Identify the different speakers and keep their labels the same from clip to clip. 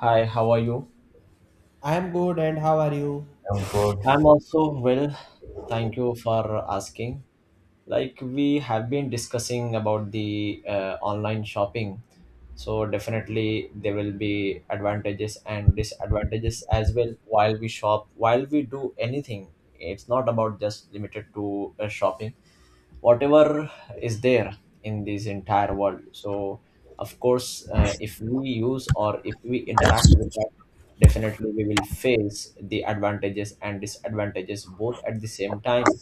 Speaker 1: Hi, how are you?
Speaker 2: I'm good, and how are you?
Speaker 3: Oh God.
Speaker 1: I'm also well. Thank you for asking. Like we have been discussing about the online shopping, so definitely there will be advantages and disadvantages as well while we shop, while we do anything. It's not about just limited to shopping. Whatever is there in this entire world, so of course, if we use or if we interact with that, definitely we will face the advantages and disadvantages both at the same time.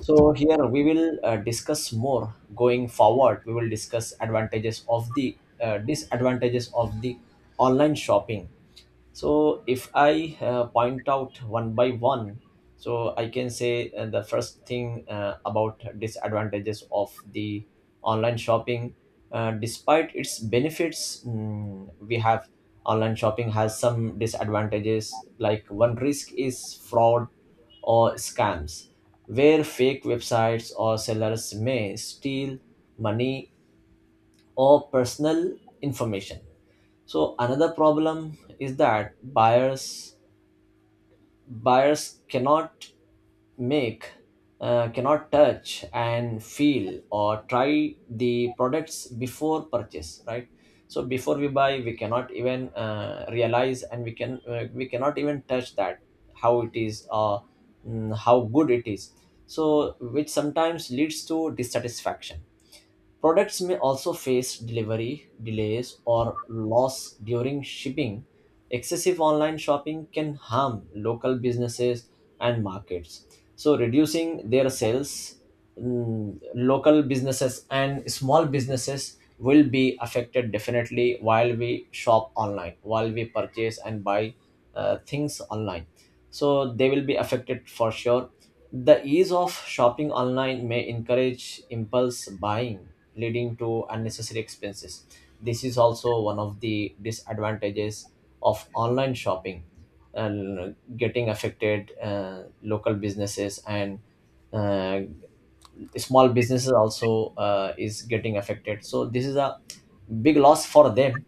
Speaker 1: So here we will discuss more. Going forward, we will discuss advantages of the disadvantages of the online shopping. So if I, point out one by one, so I can say, the first thing, about disadvantages of the online shopping. Despite its benefits, we have online shopping has some disadvantages. Like, one risk is fraud or scams, where fake websites or sellers may steal money or personal information. So another problem is that buyers cannot make, cannot touch and feel or try the products before purchase, right? So before we buy, we cannot even realize, and we cannot even touch that how it is, or how good it is. So which sometimes leads to dissatisfaction. Products may also face delivery delays or loss during shipping. Excessive online shopping can harm local businesses and markets, so reducing their sales. Local businesses and small businesses will be affected definitely while we shop online, while we purchase and buy things online, so they will be affected for sure. The ease of shopping online may encourage impulse buying, leading to unnecessary expenses. This is also one of the disadvantages of online shopping, and getting affected, local businesses and uh, small businesses also, is getting affected, so this is a big loss for them.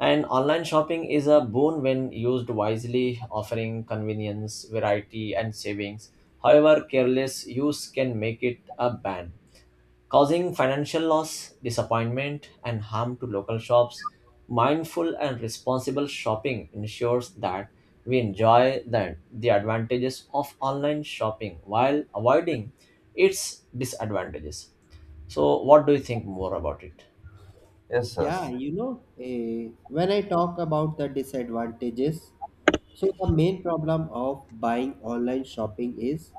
Speaker 1: And online shopping is a boon when used wisely, offering convenience, variety and savings. However, careless use can make it a ban, causing financial loss, disappointment, and harm to local shops. Mindful and responsible shopping ensures that we enjoy the advantages of online shopping while avoiding its disadvantages. So, what do you think more about it?
Speaker 3: Yes,
Speaker 2: Yeah,
Speaker 3: yes,
Speaker 2: you know, when I talk about the disadvantages, so the main problem of buying online shopping is,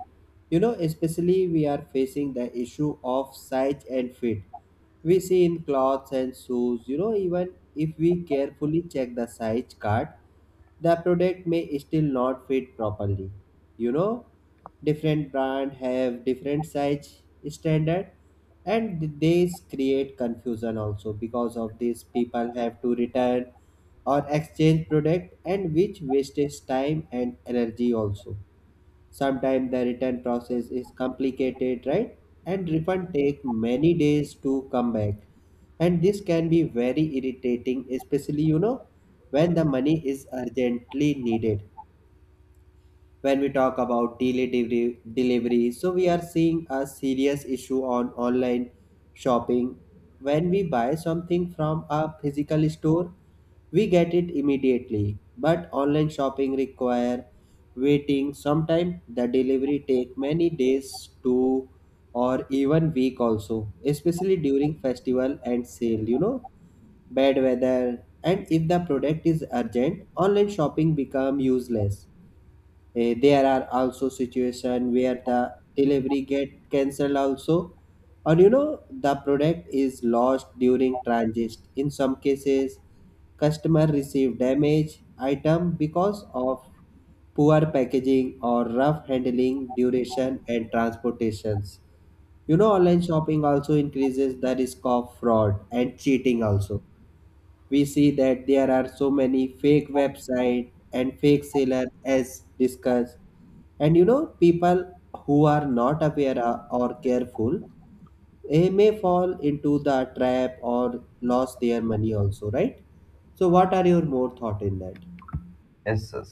Speaker 2: you know, especially we are facing the issue of size and fit. We see in clothes and shoes, you know, even if we carefully check the size card, the product may still not fit properly, you know, different brand have different size standard, and these create confusion also. Because of this, people have to return or exchange product, and which wastes time and energy also. Sometimes the return process is complicated, right? And refund take many days to come back. And this can be very irritating, especially you know when the money is urgently needed. When we talk about delivery, so we are seeing a serious issue on online shopping. When we buy something from a physical store, we get it immediately, but online shopping require waiting. Sometimes the delivery take many days to, or even week also, especially during festival and sale, you know, bad weather, and if the product is urgent, online shopping become useless. There are also situation where the delivery get cancelled also, or you know the product is lost during transit. In some cases customer receive damaged item because of poor packaging or rough handling duration and transportations. You know, online shopping also increases the risk of fraud and cheating also. We see that there are so many fake website and fake seller as discussed, and you know people who are not aware or careful, they may fall into the trap or lost their money also, right? So what are your more thought in that?
Speaker 3: yes, yes.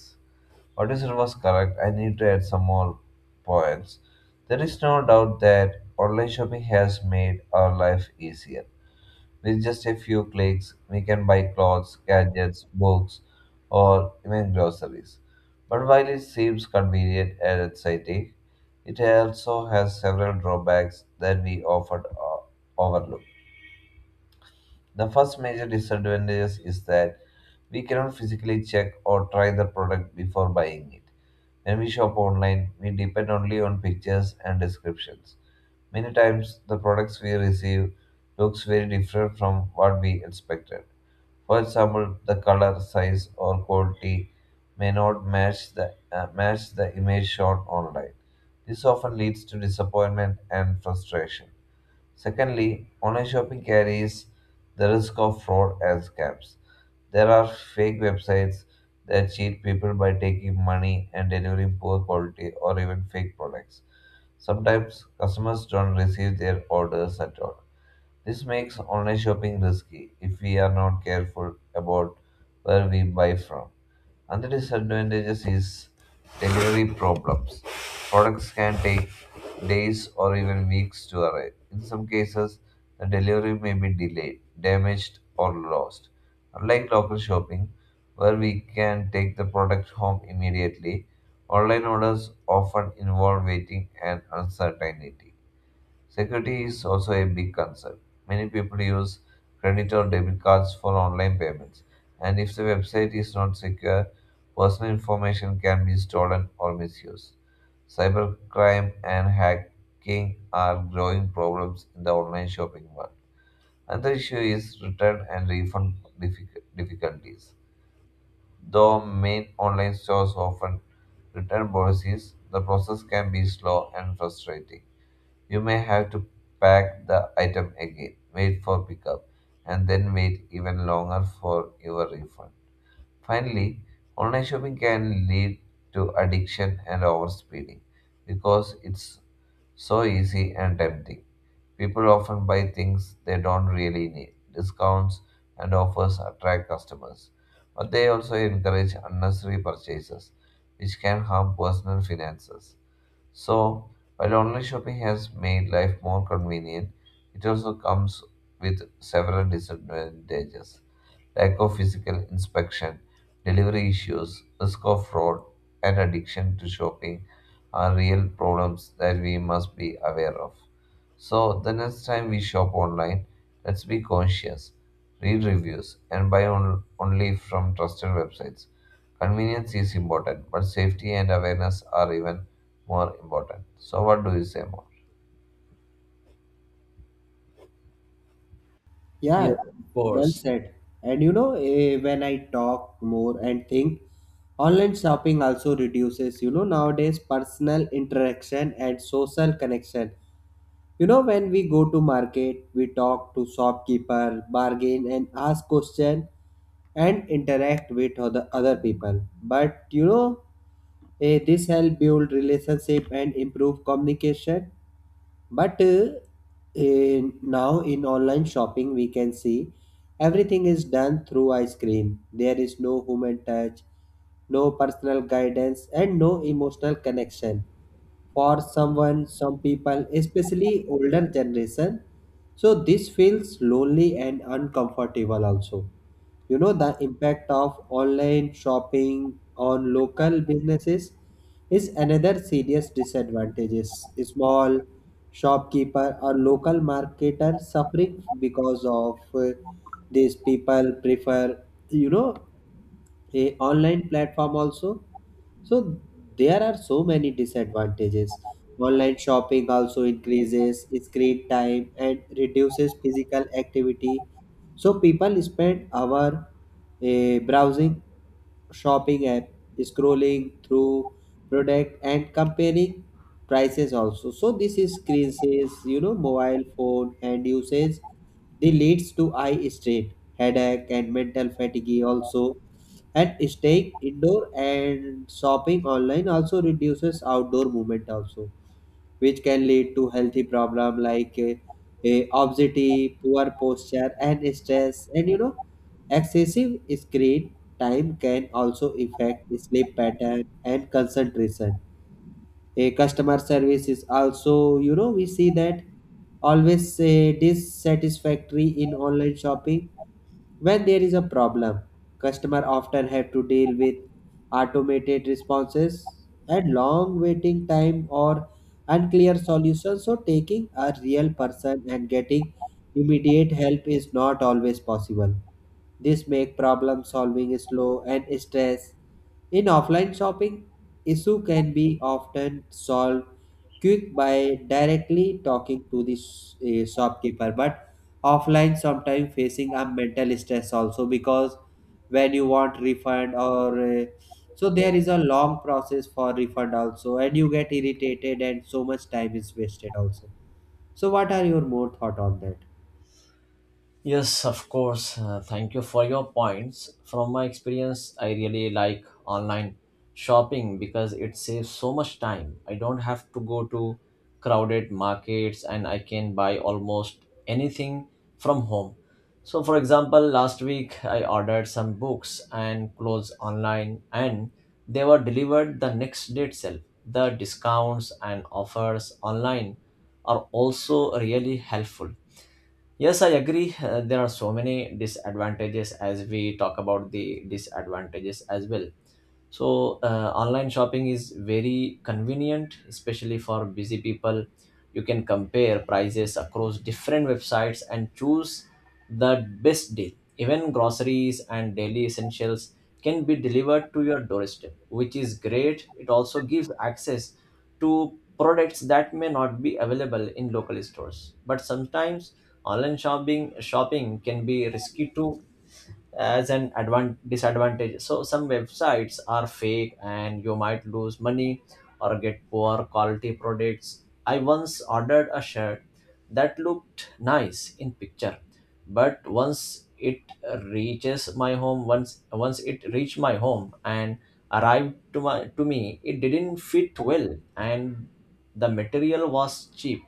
Speaker 3: What you said was correct. I need to add some more points. There is no doubt that online shopping has made our life easier. With just a few clicks, we can buy clothes, gadgets, books, or even groceries. But while it seems convenient and exciting, it also has several drawbacks that we often uh, overlook. The first major disadvantage is that we cannot physically check or try the product before buying it. When we shop online, we depend only on pictures and descriptions. Many times, the products we receive looks very different from what we expected. For example, the color, size, or quality may not match the match the image shown online. This often leads to disappointment and frustration. Secondly, online shopping carries the risk of fraud and scams. There are fake websites that cheat people by taking money and delivering poor quality or even fake products. Sometimes customers don't receive their orders at all. This makes online shopping risky if we are not careful about where we buy from. Another disadvantages is delivery problems. Products can take days or even weeks to arrive. In some cases, the delivery may be delayed, damaged, or lost. Unlike local shopping, where we can take the product home immediately, online orders often involve waiting and uncertainty. Security is also a big concern. Many people use credit or debit cards for online payments, and if the website is not secure, personal information can be stolen or misused. Cybercrime and hacking are growing problems in the online shopping world. Another issue is return and refund difficulties. Though main online stores often return policies, the process can be slow and frustrating. You may have to pack the item again, wait for pickup, and then wait even longer for your refund. Finally, online shopping can lead to addiction and overspending because it's so easy and tempting. People often buy things they don't really need. Discounts and offers attract customers, but they also encourage unnecessary purchases, which can harm personal finances. So, while online shopping has made life more convenient, it also comes with several disadvantages: lack of physical inspection, delivery issues, risk of fraud, and addiction to shopping are real problems that we must be aware of. So, the next time we shop online, let's be conscious, read reviews, and buy only from trusted websites. Convenience is important, but safety and awareness are even more important. So, what do you say more?
Speaker 1: Yes,
Speaker 2: Yeah,
Speaker 1: of
Speaker 2: well
Speaker 1: course.
Speaker 2: said. And you know, when I talk more and think, online shopping also reduces, you know, nowadays personal interaction and social connection. You know, when we go to market, we talk to shopkeeper, bargain and ask question and interact with other people. But you know, this help build relationship and improve communication. But now in online shopping, we can see everything is done through a screen. There is no human touch, no personal guidance, and no emotional connection for someone, some people, especially older generation. So this feels lonely and uncomfortable also. You know the impact of online shopping on local businesses is another serious disadvantages. Small shopkeeper or local marketer suffering because of, these people prefer, you know, a online platform also. So there are so many disadvantages. Online shopping also increases screen time and reduces physical activity, so people spend hour browsing shopping app, scrolling through product and comparing prices also. So this is screen says, you know, mobile phone and usage, they leads to eye strain, headache and mental fatigue also. And staying indoor and shopping online also reduces outdoor movement also, which can lead to healthy problem like obesity, poor posture and stress. And you know, excessive screen time can also affect sleep pattern and concentration. A customer service is also, you know, we see that always dissatisfactory in online shopping. When there is a problem, customer often have to deal with automated responses and long waiting time or unclear solutions. So taking a real person and getting immediate help is not always possible. This make problem solving slow and stress. In offline shopping, issue can be often solved quick by directly talking to the shopkeeper, but offline sometimes facing a mental stress also, because when you want refund or so there is a long process for refund also, and you get irritated and so much time is wasted also. So what are your more thought on that?
Speaker 1: Yes, of course. Thank you for your points. From my experience, I really like online shopping because it saves so much time. I don't have to go to crowded markets, and I can buy almost anything from home. So, for example, last week I ordered some books and clothes online and they were delivered the next day itself. The discounts and offers online are also really helpful. Yes, I agree. There are so many disadvantages, as we talk about the disadvantages as well. So online shopping is very convenient, especially for busy people. You can compare prices across different websites and choose the best deal. Even groceries and daily essentials can be delivered to your doorstep, which is great. It also gives access to products that may not be available in local stores. But sometimes online shopping can be risky too, as an disadvantage. So some websites are fake and you might lose money or get poor quality products. I once ordered a shirt that looked nice in picture, but once it reaches my home, once Once it reached my home and arrived to me, it didn't fit well and the material was cheap.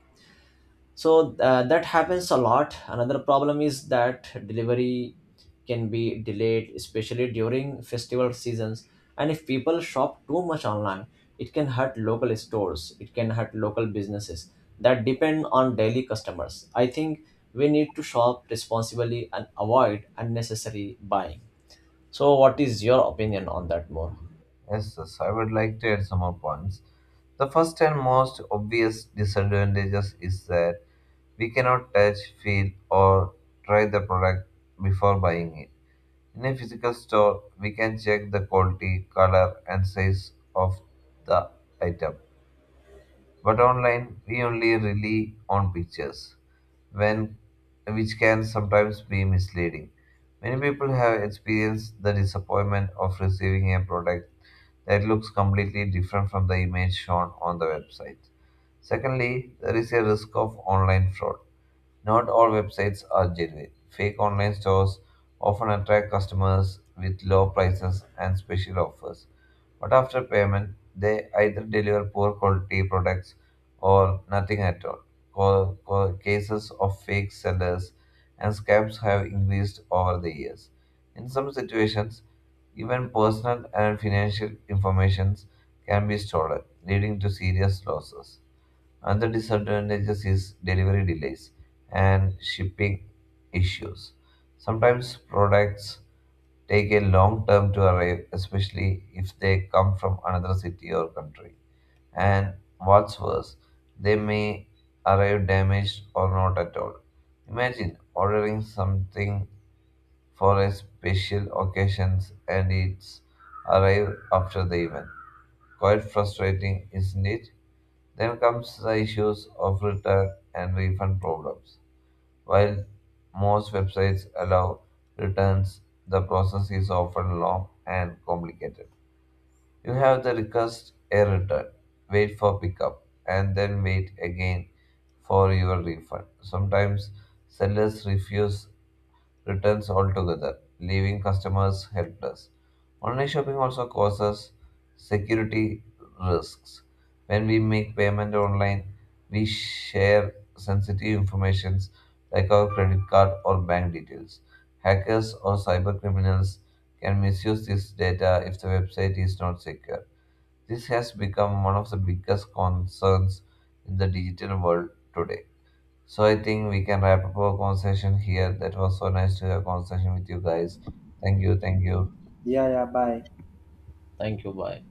Speaker 1: So that happens a lot. Another problem is that delivery can be delayed, especially during festival seasons. And if people shop too much online, it can hurt local businesses that depend on daily customers. I think we need to shop responsibly and avoid unnecessary buying. So what is your opinion on that more?
Speaker 3: Yes, yes, I would like to add some more points. The first and most obvious disadvantages is that we cannot touch, feel, or try the product before buying it. In a physical store, we can check the quality, color, and size of the item. But online, we only rely on pictures, when, which can sometimes be misleading. Many people have experienced the disappointment of receiving a product that looks completely different from the image shown on the website. Secondly, there is a risk of online fraud. Not all websites are genuine. Fake online stores often attract customers with low prices and special offers. But after payment, they either deliver poor quality products or nothing at all. Cases of fake sellers and scams have increased over the years. In some situations, even personal and financial informations can be stolen, leading to serious losses. Another disadvantage is delivery delays and shipping issues. Sometimes products take a long time to arrive, especially if they come from another city or country. And what's worse, they may arrive damaged or not at all. Imagine ordering something for a special occasion and it's arrive after the event. Quite frustrating, isn't it? Then comes the issues of return and refund problems. While most websites allow returns, the process is often long and complicated. You have the request a return, wait for pickup, and then wait again for your refund. Sometimes sellers refuse returns altogether, leaving customers helpless. Online shopping also causes security risks. When we make payment online, we share sensitive information like our credit card or bank details. Hackers or cyber criminals can misuse this data if the website is not secure. This has become one of the biggest concerns in the digital world today. So I think we can wrap up our conversation here. That was so nice to have a conversation with you guys. Thank you. Thank you.
Speaker 2: Yeah, yeah, bye.
Speaker 1: Thank you. Bye.